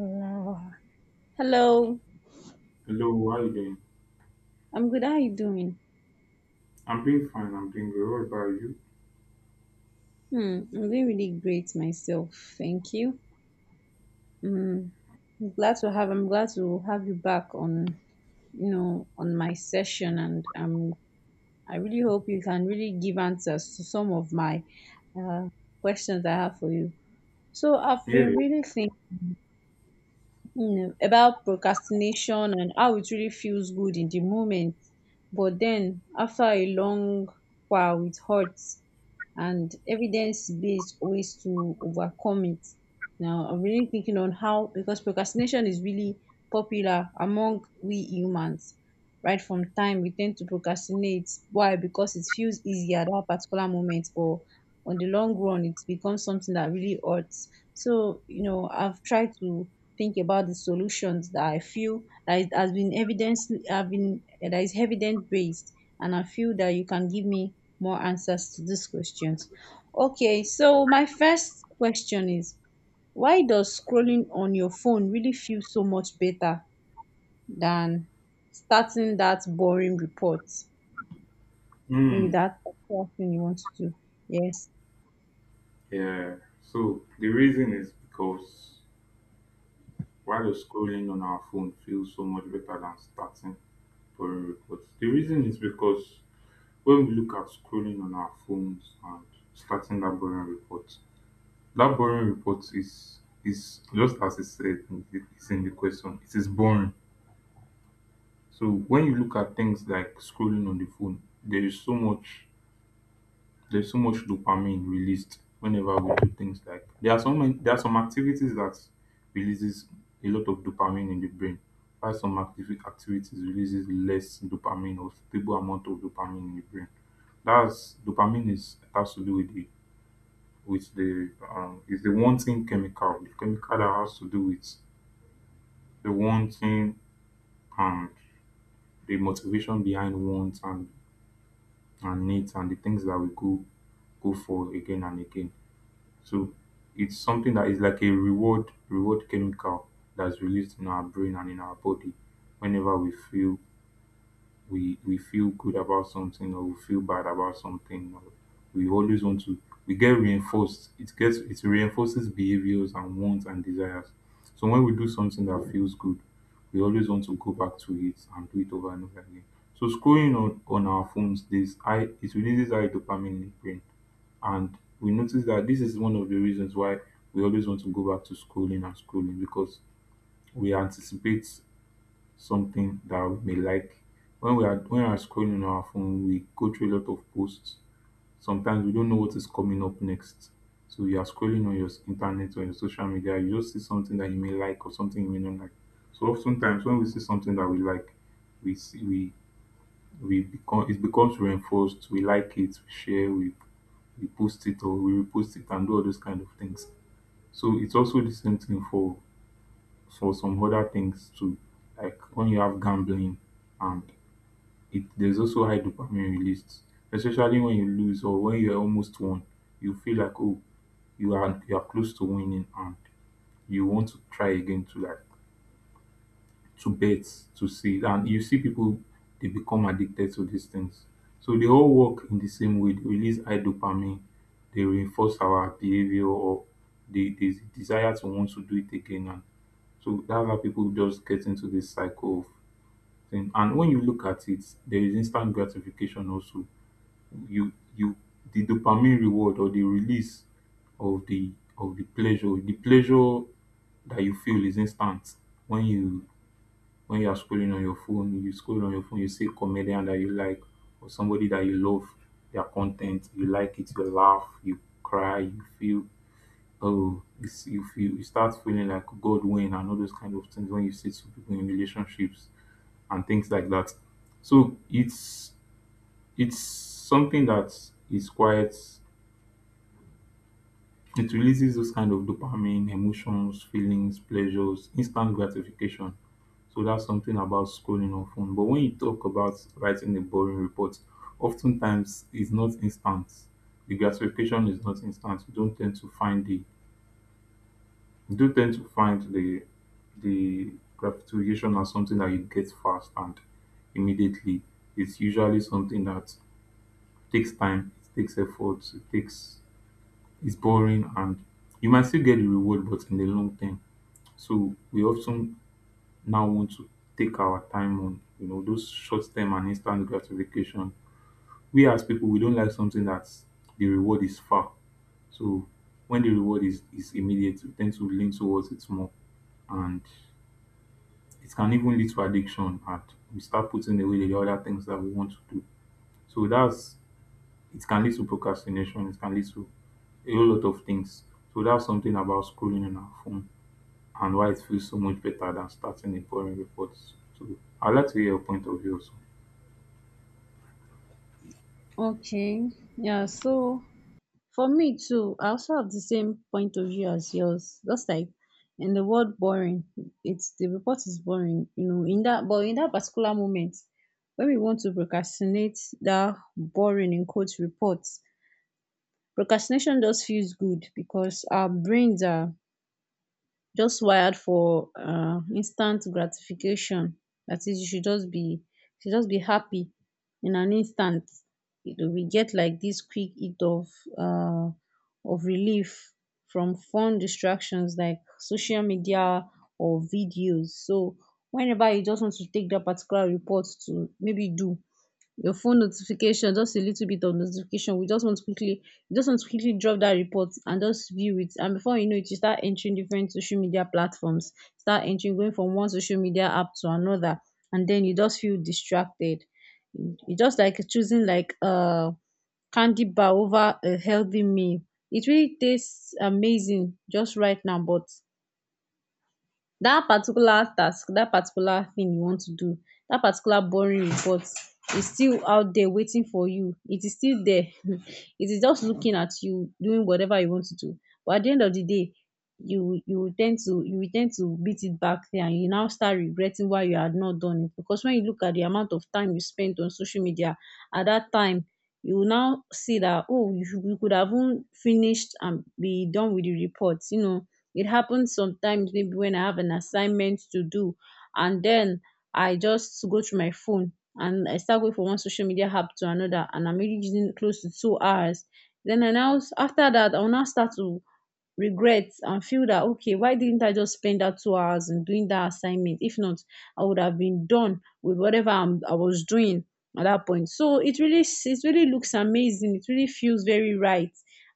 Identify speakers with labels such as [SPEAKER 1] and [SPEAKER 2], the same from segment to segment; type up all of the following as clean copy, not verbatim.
[SPEAKER 1] Hello. Hello.
[SPEAKER 2] Hello, how you doing?
[SPEAKER 1] I'm good. How are you doing?
[SPEAKER 2] I'm doing fine, I'm doing good. What about you?
[SPEAKER 1] Hmm. I'm doing really great myself. Thank you. Hmm. I'm glad to have you back on, on my session, and I really hope you can really give answers to some of my uh questions I have for you. So I've
[SPEAKER 2] Yeah.
[SPEAKER 1] been really thinking about procrastination and how it really feels good in the moment. But then after a long while, it hurts, and evidence based ways to overcome it. Now, I'm really thinking on how, because procrastination is really popular among we humans. Right from time, we tend to procrastinate. Why? Because it feels easier at that particular moment, but on the long run it becomes something that really hurts, so I've tried to think about the solutions that I feel that it has been evidence have been that is evidence based, and I feel that you can give me more answers to these questions. Okay, so my first question is, why does scrolling on your phone really feel so much better than starting that boring report, maybe
[SPEAKER 2] Mm,
[SPEAKER 1] that thing you want to do? Yes.
[SPEAKER 2] yeah. So the reason is because while scrolling on our phone feels so much better than starting foreign reports. The reason is because when we look at scrolling on our phones and starting that boring report is just as it said in it's in the question. It is boring. So when you look at things like scrolling on the phone, there is so much there's so much dopamine released whenever we do things like there are some activities that releases a lot of dopamine in the brain while some activities releases less dopamine or stable amount of dopamine in the brain. That's dopamine is has to do with the with the is the wanting chemical, the chemical that has to do with the wanting and the motivation behind wants and needs and the things that we go for again and again. So it's something that is like a reward chemical that's released in our brain and in our body whenever we feel we feel good about something, or we feel bad about something, or we always want to, we get reinforced, it reinforces behaviors and wants and desires. So when we do something that feels good, we always want to go back to it and do it over and over again. So scrolling on our phones, this I it releases high dopamine in the brain, and we notice that this is one of the reasons why we always want to go back to scrolling and scrolling, because we anticipate something that we may like. When we are scrolling on our phone, we go through a lot of posts. Sometimes we don't know what is coming up next. So you are scrolling on your internet or your social media, you just see something that you may like or something you may not like. So oftentimes when we see something that we like, we see we become it becomes reinforced, we like it, we share, we post it or we repost it and do all those kind of things. So it's also the same thing for some other things too, like when you have gambling, and it there's also high dopamine released, especially when you lose or when you are almost won. You feel like, oh, you are close to winning, and you want to try again, to like to bet, to see. And you see people, they become addicted to these things. So they all work in the same way. They release high dopamine, they reinforce our behavior, or the desire to want to do it again. And so that's how people just get into this cycle of thing. And when you look at it, there is instant gratification also. You, the dopamine reward or the release of the pleasure, the pleasure that you feel is instant. When you when you are scrolling on your phone, you scroll on your phone, you see a comedian that you like or somebody that you love their content, you like it, you laugh, you cry, you feel, you feel, you start feeling like god win and all those kind of things when you see two people in relationships and things like that. So it's something that is quite, it releases those kind of dopamine, emotions, feelings, pleasures, instant gratification. So that's something about scrolling on phone. But when you talk about writing a boring report, oftentimes it's not instant. The gratification is not instant. You don't tend to find the you don't tend to find the gratification as something that you get fast and immediately. It's usually something that takes time, it takes effort, it's boring, and you might still get the reward but in the long term. So we often now want to take our time on, you know, those short term and instant gratification. We as people, we don't like something that's the reward is far. So when the reward is immediate, we tend to lean towards it more, and it can even lead to addiction, and we start putting away the other things that we want to do. So that's, it can lead to procrastination, it can lead to a whole lot of things. So that's something about scrolling on our phone and why it feels so much better than starting a boring report. So I'd like to hear your point of view also.
[SPEAKER 1] Okay. Yeah. So for me too, I also have the same point of view as yours. Just like in the word boring, it's the report is boring, in that but in that particular moment when we want to procrastinate that boring in quotes report, procrastination just feels good because our brains are just wired for instant gratification. That is, you should just be happy in an instant. We get like this quick hit um of relief from fun distractions like social media or videos. So whenever you just want to take that particular report to maybe do your phone notification, just a little bit of notification. We just want to quickly, you just want to quickly drop that report and just view it. And before you know it, you start entering different social media platforms, start entering, going from one social media app to another, and then you just feel distracted. You just like choosing like a candy bar over a healthy meal. It really tastes amazing just right now, but that particular task, that particular thing you want to do, that particular boring report is still out there waiting for you. It is still there it is just looking at you doing whatever you want to do. But at the end of the day, you will tend to beat it back there, and you now start regretting why you had not done it, because when you look at the amount of time you spent on social media at that time, you will now see that, oh, you could have even finished and be done with the report. It happens sometimes, maybe when I have an assignment to do, and then I just go through my phone and I start going from one social media app to another, and I'm really using close to 2 hours. Then I, now after that, I'll now start to regret and feel that, okay, why didn't I just spend that 2 hours in doing that assignment? If not, I would have been done with whatever I was doing at that point. So it really looks amazing. It really feels very right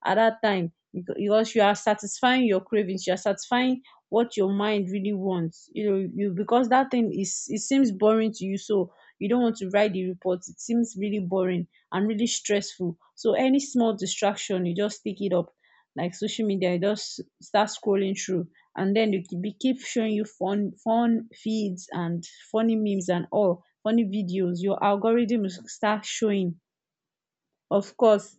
[SPEAKER 1] at that time, because you are satisfying your cravings, you are satisfying what your mind really wants, you know you because that thing is, it seems boring to you, so you don't want to write the report, it seems really boring and really stressful, so any small distraction you just take it up, like social media, you just start scrolling through, and then they keep showing you fun feeds and funny memes and all funny videos, your algorithm will start showing, of course.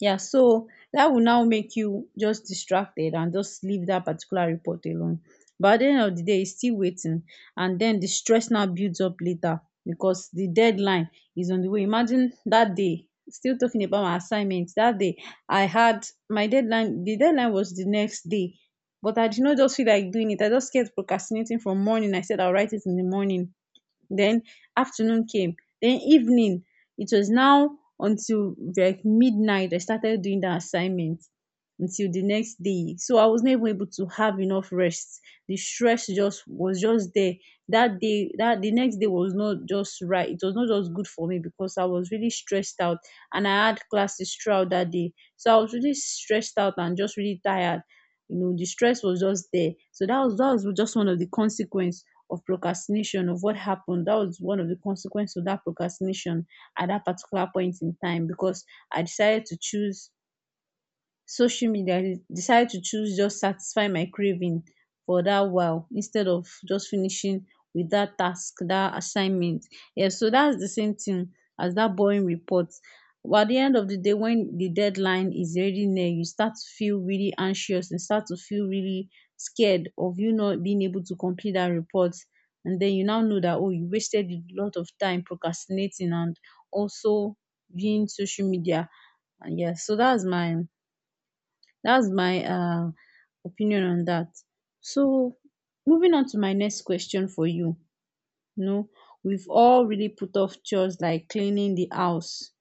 [SPEAKER 1] Yeah, so that will now make you just distracted and just leave that particular report alone. But at the end of the day, it's still waiting, and then the stress now builds up later because the deadline is on the way. Imagine that day, still talking about my assignments. That day I had my deadline, the deadline was the next day, but I did not just feel like doing it, I just kept procrastinating. From morning, I said I'll write it in the morning, then afternoon came. Then evening. It was now until like midnight I started doing the assignment until the next day. So I was not even able to have enough rest. The stress just was just there. That day, that the next day was not just right. It was not just good for me because I was really stressed out, and I had classes throughout that day. So I was really stressed out and just really tired. You know, the stress was just there. So that was just one of the consequence of procrastination, of what happened. That was one of the consequences of that procrastination at that particular point in time, because I decided to choose social media, I decide to choose just satisfy my craving for that while, instead of just finishing with that task, that assignment. Yeah, so that's the same thing as that boring report, but at the end of the day, when the deadline is already near, you start to feel really anxious and start to feel really scared of you not being able to complete that report, and then you now know that, oh, you wasted a lot of time procrastinating, and also viewing social media. And yeah, so that's my that's my uh, opinion on that. So, moving on to my next question for you. You know, we've all really put off chores like cleaning the house,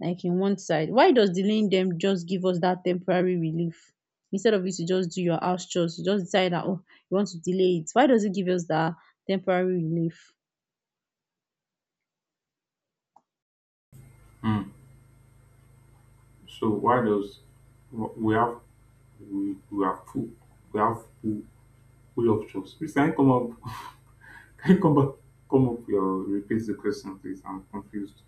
[SPEAKER 1] like in one side. Why does delaying them just give us that temporary relief? Instead of you to just do your house chores, you just decide that, oh, you want to delay it. Why does it give us that temporary relief?
[SPEAKER 2] Mm. So why does wh- we have we, we have full we have full options? Please can you come up can you come back come up your repeat the question please? I'm confused.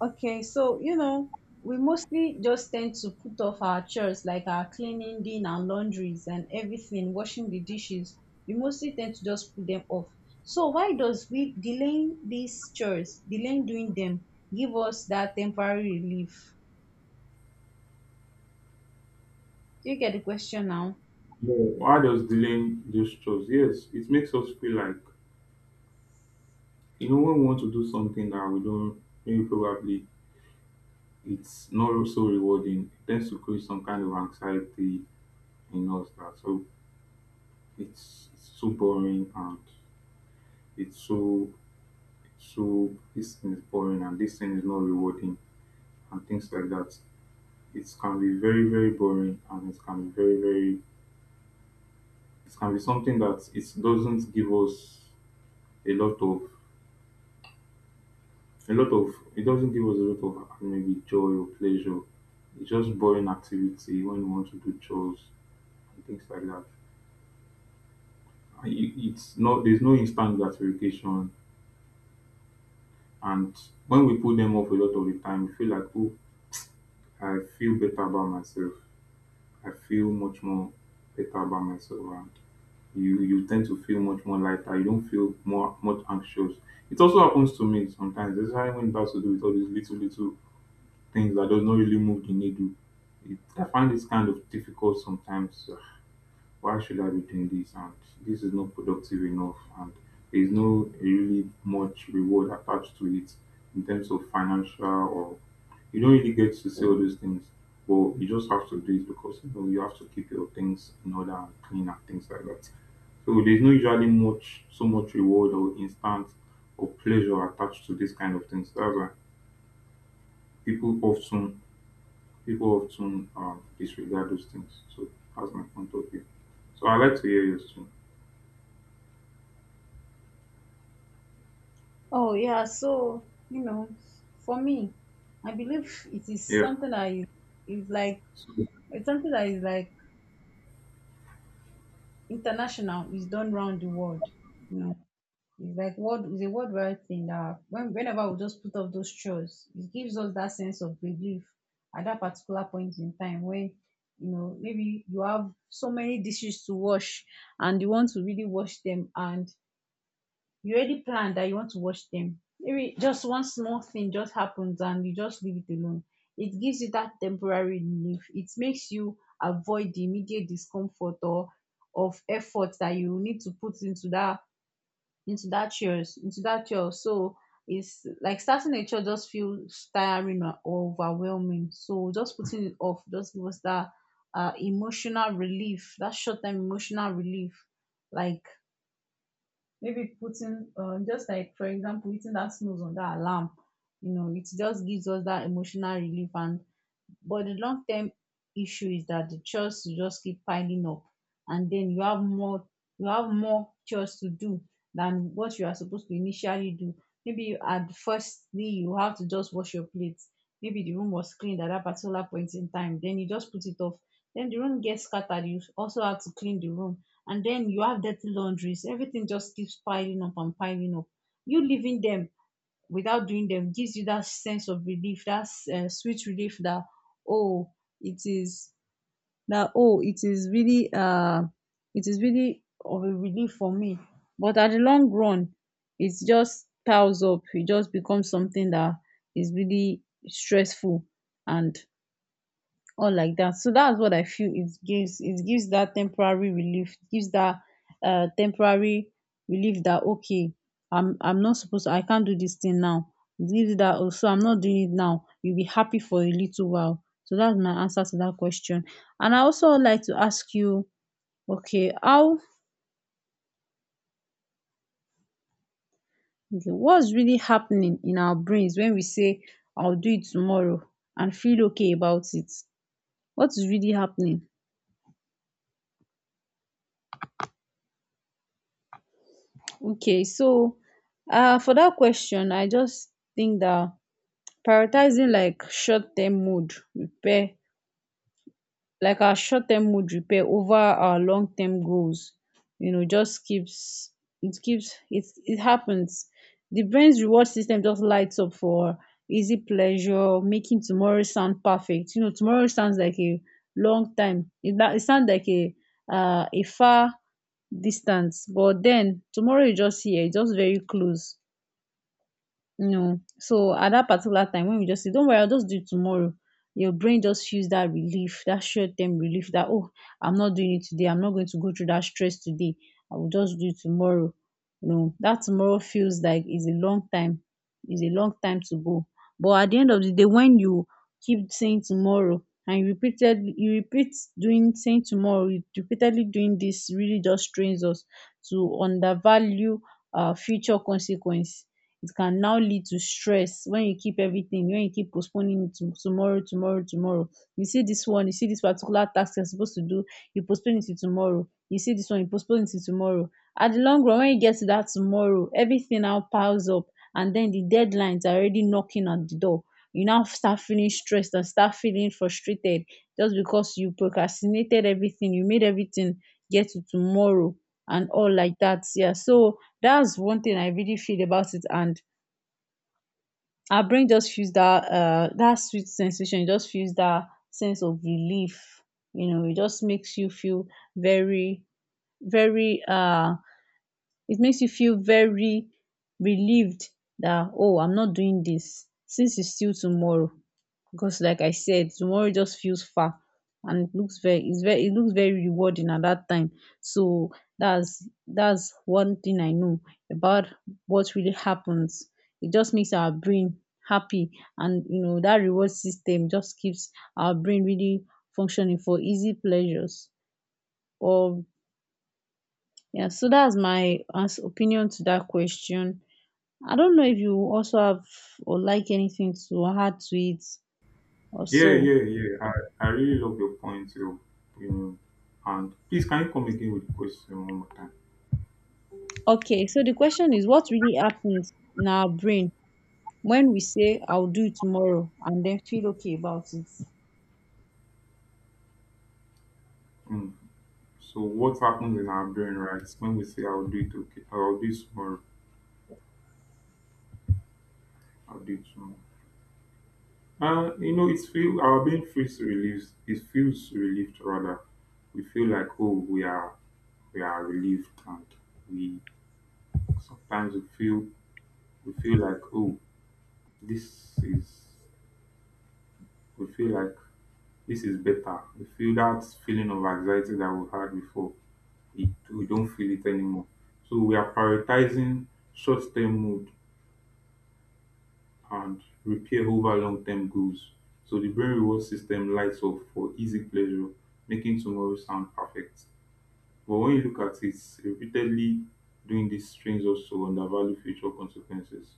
[SPEAKER 1] Okay, so we mostly just tend to put off our chores like our cleaning, dinner, and laundries and everything, washing the dishes. We mostly tend to just put them off. So why does we delaying these chores, delaying doing them, give us that temporary relief? Do you get the question now?
[SPEAKER 2] No. Why does delaying those chores? Yes, it makes us feel like, you know, when we want to do something that we don't, maybe probably it's not so rewarding, it tends to create some kind of anxiety in us. That so it's so boring and it's so this thing is boring and this thing is not rewarding and things like that. It can be very, very boring, and it can be very, very, it can be something that it doesn't give us a lot of it doesn't give us a lot of maybe joy or pleasure. It's just boring activity when you want to do chores and things like that. And it's not, there's no instant gratification. And when we put them off a lot of the time, we feel like, oh, I feel better about myself. I feel much more better about myself, and you tend to feel much more lighter. You don't feel more much anxious. It also happens to me sometimes, especially when it has to do with all these little things that does not really move the needle. I find this kind of difficult sometimes. Why should I be doing this? And this is not productive enough. And there's no really much reward attached to it in terms of financial, or you don't really get to see all those things. But you just have to do it because you know you have to keep your things in order and clean and things like that. So there's no usually much, so much reward or instant or pleasure attached to this kind of things. That's why people often people often disregard those things. So that's my point of view. So I like to hear yours too.
[SPEAKER 1] Oh yeah, so for me, I believe it is
[SPEAKER 2] Yeah.
[SPEAKER 1] something that is like
[SPEAKER 2] So,
[SPEAKER 1] it's something that is like international, is done round the world. You know It's like word it's a word right thing, that whenever we just put off those chores, it gives us that sense of relief at that particular point in time, when maybe you have so many dishes to wash, and you want to really wash them, and you already plan that you want to wash them. Maybe just one small thing just happens and you just leave it alone. It gives you that temporary relief. It makes you avoid the immediate discomfort, or of effort that you need to put into that, into that yours. So it's like starting a church just feels tiring or overwhelming, so just putting it off just gives us that emotional relief, that short-term emotional relief, like maybe putting just like for example hitting that snooze on that alarm. You know, it just gives us that emotional relief, and but the long term issue is that the chores will just keep piling up, and then you have more chores to do than what you are supposed to initially do. Maybe at firstly you have to just wash your plates. Maybe the room was cleaned at that particular point in time, then you just put it off. Then the room gets scattered, you also have to clean the room, and then you have dirty laundries, everything just keeps piling up and piling up. You leaving them without doing them gives you that sense of relief, that sweet relief, that, oh, it is, that, oh, it is really of a relief for me. But at the long run, it just piles up. It just becomes something that is really stressful, and or like that. So that's what I feel it gives. It gives that temporary relief, gives that temporary relief, that, okay, I'm not supposed to, I can't do this thing now. It gives you that. Also, I'm not doing it now. You'll be happy for a little while. So that's my answer to that question. And I also would like to ask you, okay, what's really happening in our brains when we say, I'll do it tomorrow, and feel okay about it? What is really happening? Okay, so for that question, I just think that prioritizing like our short-term mood repair over our long-term goals. Just keeps it it happens. The brain's reward system just lights up for easy pleasure, making tomorrow sound perfect. Tomorrow sounds like a long time. It sounds like a far distance, but then tomorrow is just here, it's just very close. No. So at that particular time when we just say, Don't worry, I'll just do it tomorrow, your brain just feels that relief, that short term relief that, oh, I'm not doing it today. I'm not going to go through that stress today. I will just do it tomorrow. That tomorrow feels like it's a long time. It's a long time to go. But at the end of the day, when you keep saying tomorrow and you repeatedly you repeat doing saying tomorrow, you repeatedly doing this really just trains us to undervalue our future consequence. It can now lead to stress when you keep everything when you keep postponing it to tomorrow, tomorrow, tomorrow. You see this particular task you're supposed to do, you postpone it to tomorrow. You see this one, you postpone it to tomorrow. At the long run, when you get to that tomorrow, everything now piles up, and then the deadlines are already knocking at the door. You now start feeling stressed and start feeling frustrated, just because you procrastinated everything, you made everything get to tomorrow and all like that. Yeah, so that's one thing I really feel about it. And our brain just feels that sweet sensation, it just feels that sense of relief. It just makes you feel very, very it makes you feel very relieved, that oh, I'm not doing this since it's still tomorrow, because like I said, tomorrow just feels far, and it looks very it's very it looks very rewarding at that time. So that's one thing I know about what really happens. It just makes our brain happy, and that reward system just keeps our brain really functioning for easy pleasures. Or Yeah, so that's my opinion to that question. I don't know if you also have, or like anything to add to it, or so.
[SPEAKER 2] yeah. I really love your point, you know. And please, can you come again with the question one more time?
[SPEAKER 1] Okay, so the question is, what really happens in our brain when we say I'll do it tomorrow and then feel okay about it?
[SPEAKER 2] Mm. So, what happens in our brain, right? When we say, I'll do it, okay, I'll do it tomorrow, I'll do it tomorrow. You know, it's feel our brain feels relieved. It feels relieved rather. We feel like, oh, we are relieved, and we sometimes we feel we feel like oh, this is we feel like this is better. We feel that feeling of anxiety that we had before. We don't feel it anymore. So we are prioritizing short-term mood and repair over long-term goals. So the brain reward system lights up for easy pleasure, making tomorrow sound perfect. But when you look at it, repeatedly doing these strains also undervalue future consequences,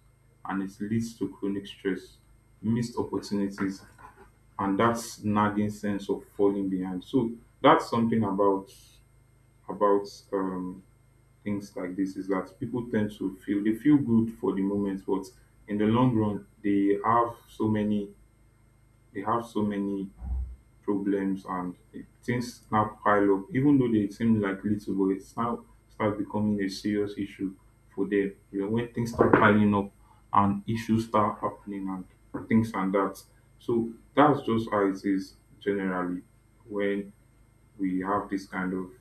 [SPEAKER 2] and it leads to chronic stress, missed opportunities, and that nagging sense of falling behind. So that's something about about um, things like this is that people tend to feel, they feel good for the moment, but in the long run, they have so many they have so many problems, and things now pile up. Even though they seem like little, but it's now start becoming a serious issue for them. You know, when things start piling up and issues start happening and things and that. So that's just how it is generally when we have this kind of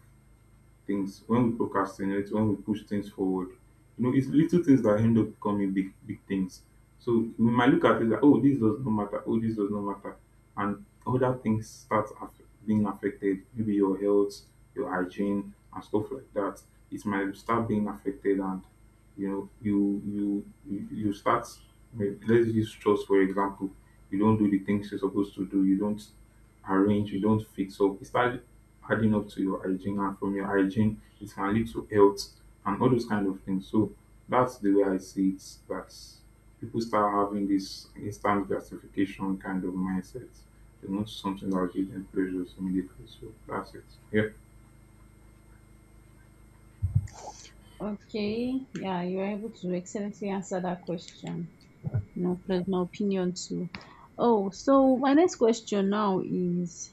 [SPEAKER 2] things, when we procrastinate, when we push things forward, you know, it's little things that end up becoming big, big things. So we might look at it like, oh, this does not matter, oh, this does not matter, and other things start being affected. Maybe your health, your hygiene, and stuff like that. It might start being affected, and you know, you start. Let's use trust for example. You don't do the things you're supposed to do. You don't arrange. You don't fix up. It starts adding up to your hygiene, and from your hygiene it can lead to health and all those kind of things. So that's the way I see it, that people start having this instant gratification kind of mindset. They want something that will give them pleasures immediately. So that's it. Yeah.
[SPEAKER 1] Okay, yeah, you were able to excellently answer that question. No, personal opinion too. Oh, so my next question now is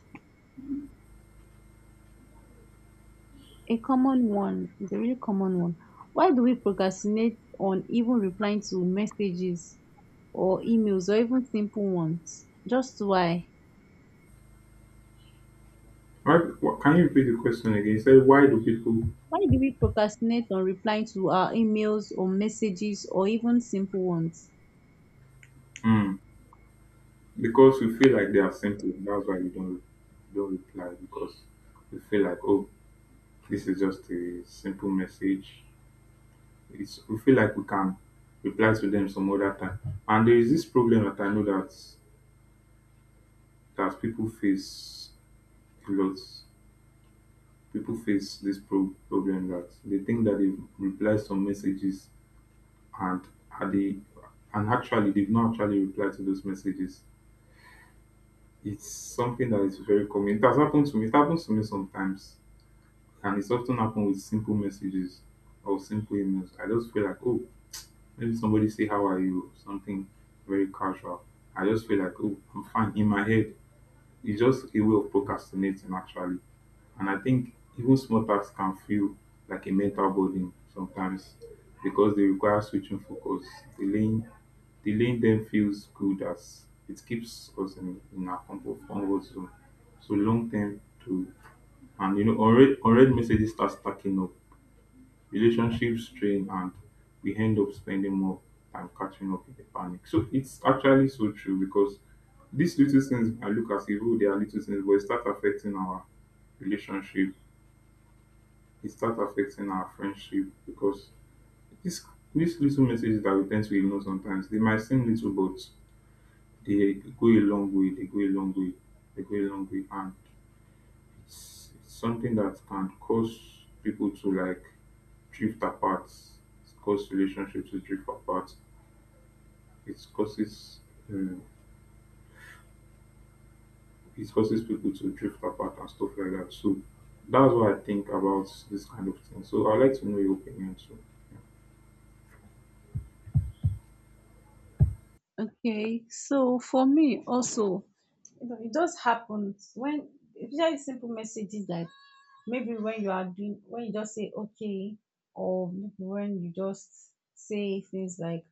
[SPEAKER 1] a common one. It's a really common one. Why do we procrastinate on even replying to messages or emails or even simple ones? Just why?
[SPEAKER 2] Why, what? Can you repeat the question again? You said, "Why do people?"
[SPEAKER 1] Why do we procrastinate on replying to our emails or messages or even simple ones?
[SPEAKER 2] Mm, because we feel like they are simple, that's why we don't reply. Because we feel like, oh, this is just a simple message, it's, we feel like we can reply to them some other time. And there is this problem that I know that people face a lot. People face this problem that they think that they've replied some messages and are they and actually they've not actually replied to those messages. It's something that is very common. It has happened to me. It happens to me sometimes. And it's often happened with simple messages or simple emails. I just feel like, oh, maybe somebody say, "How are you?" Something very casual. I just feel like, oh, I'm fine. In my head, it's just a way of procrastinating, actually. And I think even small tasks can feel like a mental burden sometimes because they require switching focus. Delaying, delaying them feels good as it keeps us in our comfort zone. So long term to, unread messages start stacking up, relationships strain, and we end up spending more time catching up in the panic. So it's actually so true, because these little things, I look as if, oh, they are little things, but it start affecting our relationship, it start affecting our friendship, because this these little messages that we tend to ignore sometimes, they might seem little but they go a long way, they go a long way, they go a long way. And it's something that can cause people to, like, drift apart. It's cause relationships to drift apart. It causes um, it causes people to drift apart and stuff like that. So that's what I think about this kind of thing. So I'd like to know your opinion too.
[SPEAKER 1] Okay, so for me also, it just happens when, especially simple messages that maybe when you just say okay, or maybe when you just say things like,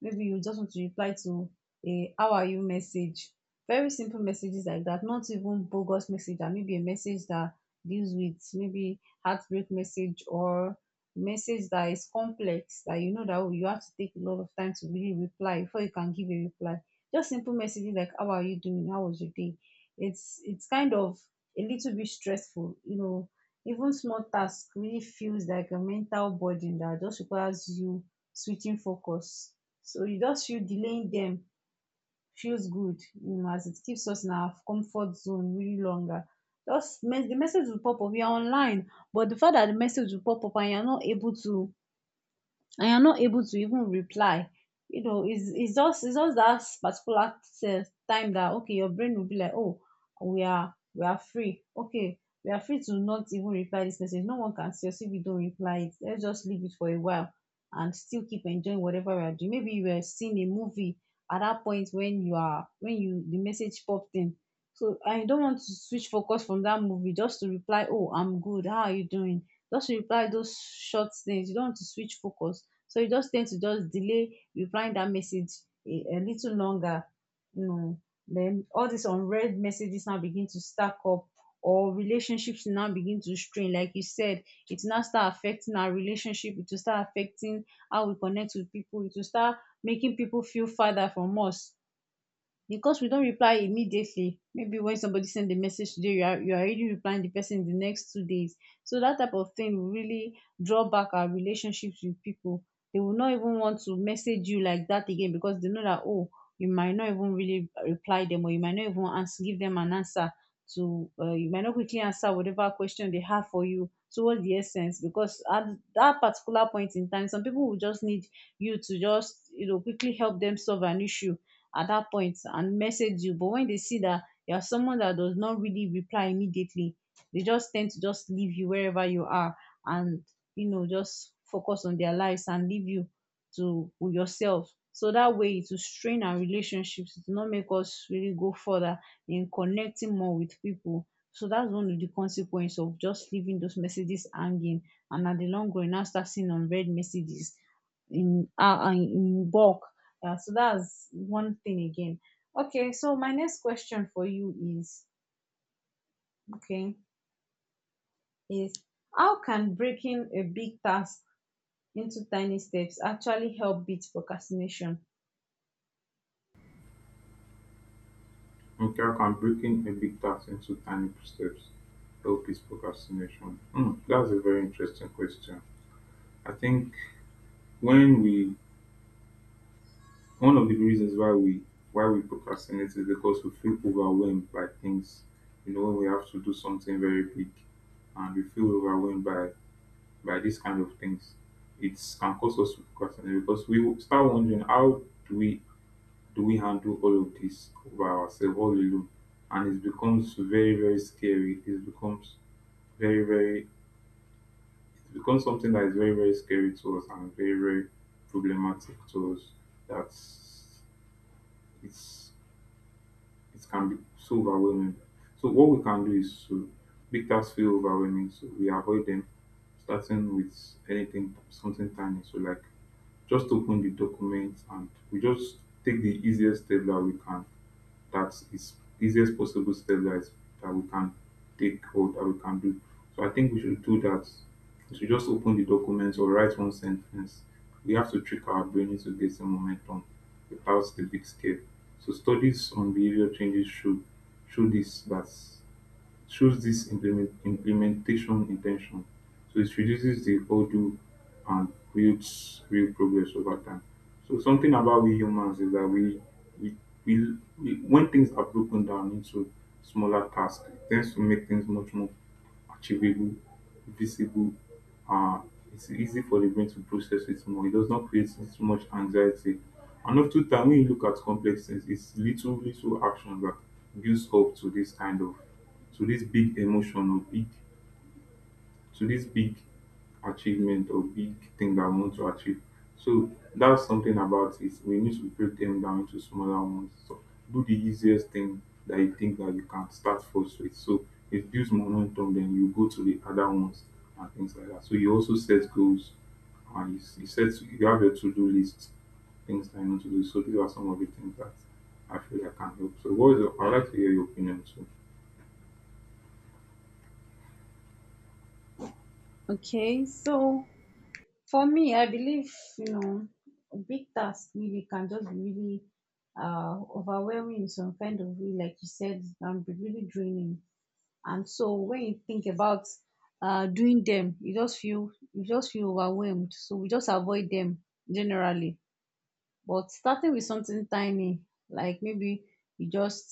[SPEAKER 1] maybe you just want to reply to a how are you message, very simple messages like that, not even bogus message, and maybe a message that deals with maybe heartbreak message, or message that is complex, that oh, you have to take a lot of time to really reply before you can give a reply. Just simple messages like how are you doing, how was your day, it's kind of a little bit stressful. Even small task really feels like a mental burden that just requires you switching focus, so you just feel delaying them feels good, as it keeps us in our comfort zone really longer. The message will pop up, you are online, but the fact that the message will pop up and you are not able to and you're not able to even reply. It's just that particular time that okay, your brain will be like oh, we are free okay we are free to not even reply this message, no one can see us if we don't reply it, let's just leave it for a while, and still keep enjoying whatever we are doing. Maybe you were seeing a movie at that point, when you, the message popped in, so I don't want to switch focus from that movie just to reply, oh, I'm good, how are you doing, just reply those short things, you don't want to switch focus. So you just tend to just delay replying that message a little longer. You know, then all these unread messages now begin to stack up, or relationships now begin to strain. Like you said, it now start affecting our relationship, it will start affecting how we connect with people, it will start making people feel farther from us, because we don't reply immediately. Maybe when somebody send a message today, you are already replying the person in the next 2 days. So that type of thing will really draw back our relationships with people. They will not even want to message you like that again, because they know that oh, you might not even really reply them, or you might not even answer give them an answer to, you might not quickly answer whatever question they have for you, so what's the essence? Because at that particular point in time, some people will just need you to just quickly help them solve an issue at that point and message you. But when they see that you are someone that does not really reply immediately, they just tend to just leave you wherever you are, and just focus on their lives and leave you to, with yourself. So that way it will strain our relationships. It will not make us really go further in connecting more with people. So that's one of the consequences of just leaving those messages hanging, and at the long run, now start seeing unread messages in bulk. Yeah, so that's one thing again. Okay, so my next question for you is okay, is, how can breaking a big task into tiny steps actually help beat procrastination?
[SPEAKER 2] Yeah. Okay, I can breaking a big task into tiny steps help is procrastination? Hmm, that's a very interesting question. I think when we one of the reasons why we procrastinate is because we feel overwhelmed by things. You know, when we have to do something very big, and we feel overwhelmed by these kind of things, it can cause us to procrastinate, because we will start wondering how do we do we handle all of this by ourselves all alone, and it becomes very very scary. Very very it becomes something that is very very scary to us and very very problematic to us. That's it's It can be so overwhelming. So what we can do is to make tasks feel overwhelming, so we avoid them, starting with anything something tiny. So like, just open the document and we just take the easiest step that we can, that is easiest possible step that is that we can take or that we can do. So I think we should do that. We should just open the documents or write one sentence. We have to trick our brain into getting momentum without the big scale. So studies on behavior changes show show this that shows this implementation intention. So it reduces the hurdle and builds real progress over time. So something about we humans is that we, we when things are broken down into smaller tasks, it tends to make things much more achievable, visible. Uh, it's easy for the brain to process it more. It does not create so much anxiety. And often time when you look at complex things, it's little little actions that gives up to this kind of to this big emotion or big to this big achievement or big thing that I want to achieve. So that's something about it. We need to break them down into smaller ones. So do the easiest thing that you think that you can start first with. So it builds momentum, then you go to the other ones and things like that. So you also set goals and you, s- you set you have your to-do list, things that you need to do. So these are some of the things that I feel I can help. So what is your, I'd like to hear your opinion
[SPEAKER 1] Okay, so for me, I believe, you know, a big task really can just be really overwhelming in some kind of way. Like you said, it can be really draining. And so when you think about doing them, you just feel overwhelmed, so we just avoid them generally. But starting with something tiny, like maybe you just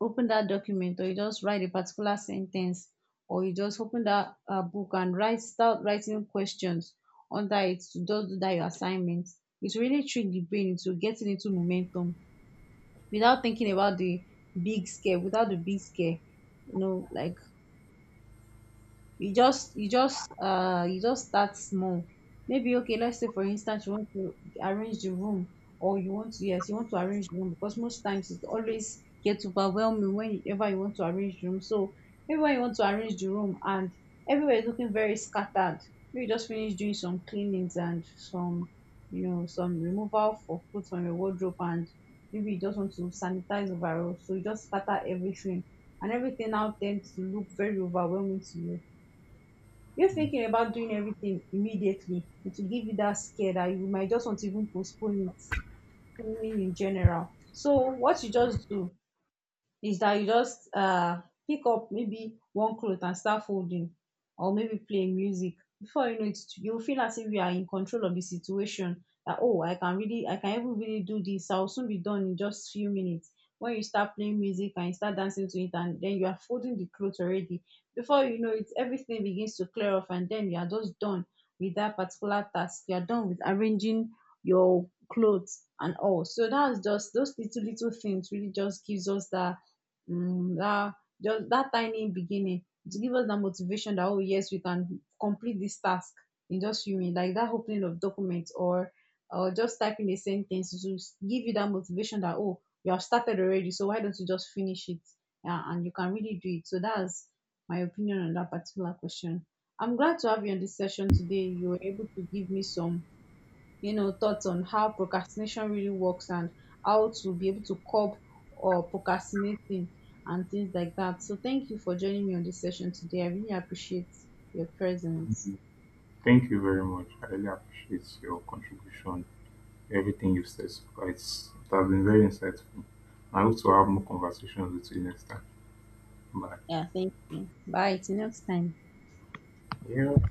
[SPEAKER 1] open that document, or you just write a particular sentence, or you just open that book and write start writing questions under it to just do that your assignment, it really trick the brain into getting into momentum without thinking about the big scare, without the big scare like you just start small. Maybe, okay, let's say for instance you want to arrange the room, or you want to, yes, you want to arrange the room, because most times it always gets overwhelming whenever you want to arrange the room. So maybe when you want to arrange the room and everywhere is looking very scattered, maybe you just finish doing some cleanings and some you know some removal of clothes from your wardrobe, and maybe you just want to sanitize overall, so you just scatter everything, and everything now tends to look very overwhelming to you. You are thinking about doing everything immediately, it will give you that scare that you might just want to even postpone it, cleaning in general. So what you just do is that you just pick up maybe one cloth and start folding, or maybe play music. Before you know it, you will feel as if you are in control of the situation, that oh, I can even really do this, I will soon be done in just few minutes. When you start playing music and you start dancing to it, and then you are folding the cloth already, before you know it, everything begins to clear off, and then you are just done with that particular task, you are done with arranging your clothes and all. So that's just those little, little things really just gives us that just that tiny beginning, to give us that motivation that oh, yes, we can complete this task in just few minutes, like that opening of document, or just typing a sentence to give you that motivation that oh, you have started already, so why don't you just finish it? Yeah, and you can really do it, so that's my opinion on that particular question. I'm glad to have you on this session today, you were able to give me some thoughts on how procrastination really works and how to be able to curb or procrastinating and things like that. So thank you for joining me on this session today. I really appreciate your presence.
[SPEAKER 2] too. Thank you very much. I really appreciate your contribution, everything you've said so far. It has been very insightful. I hope to have more conversations with you next time. Bye.
[SPEAKER 1] Yeah, thank you. Bye. Till next time.
[SPEAKER 2] Yeah.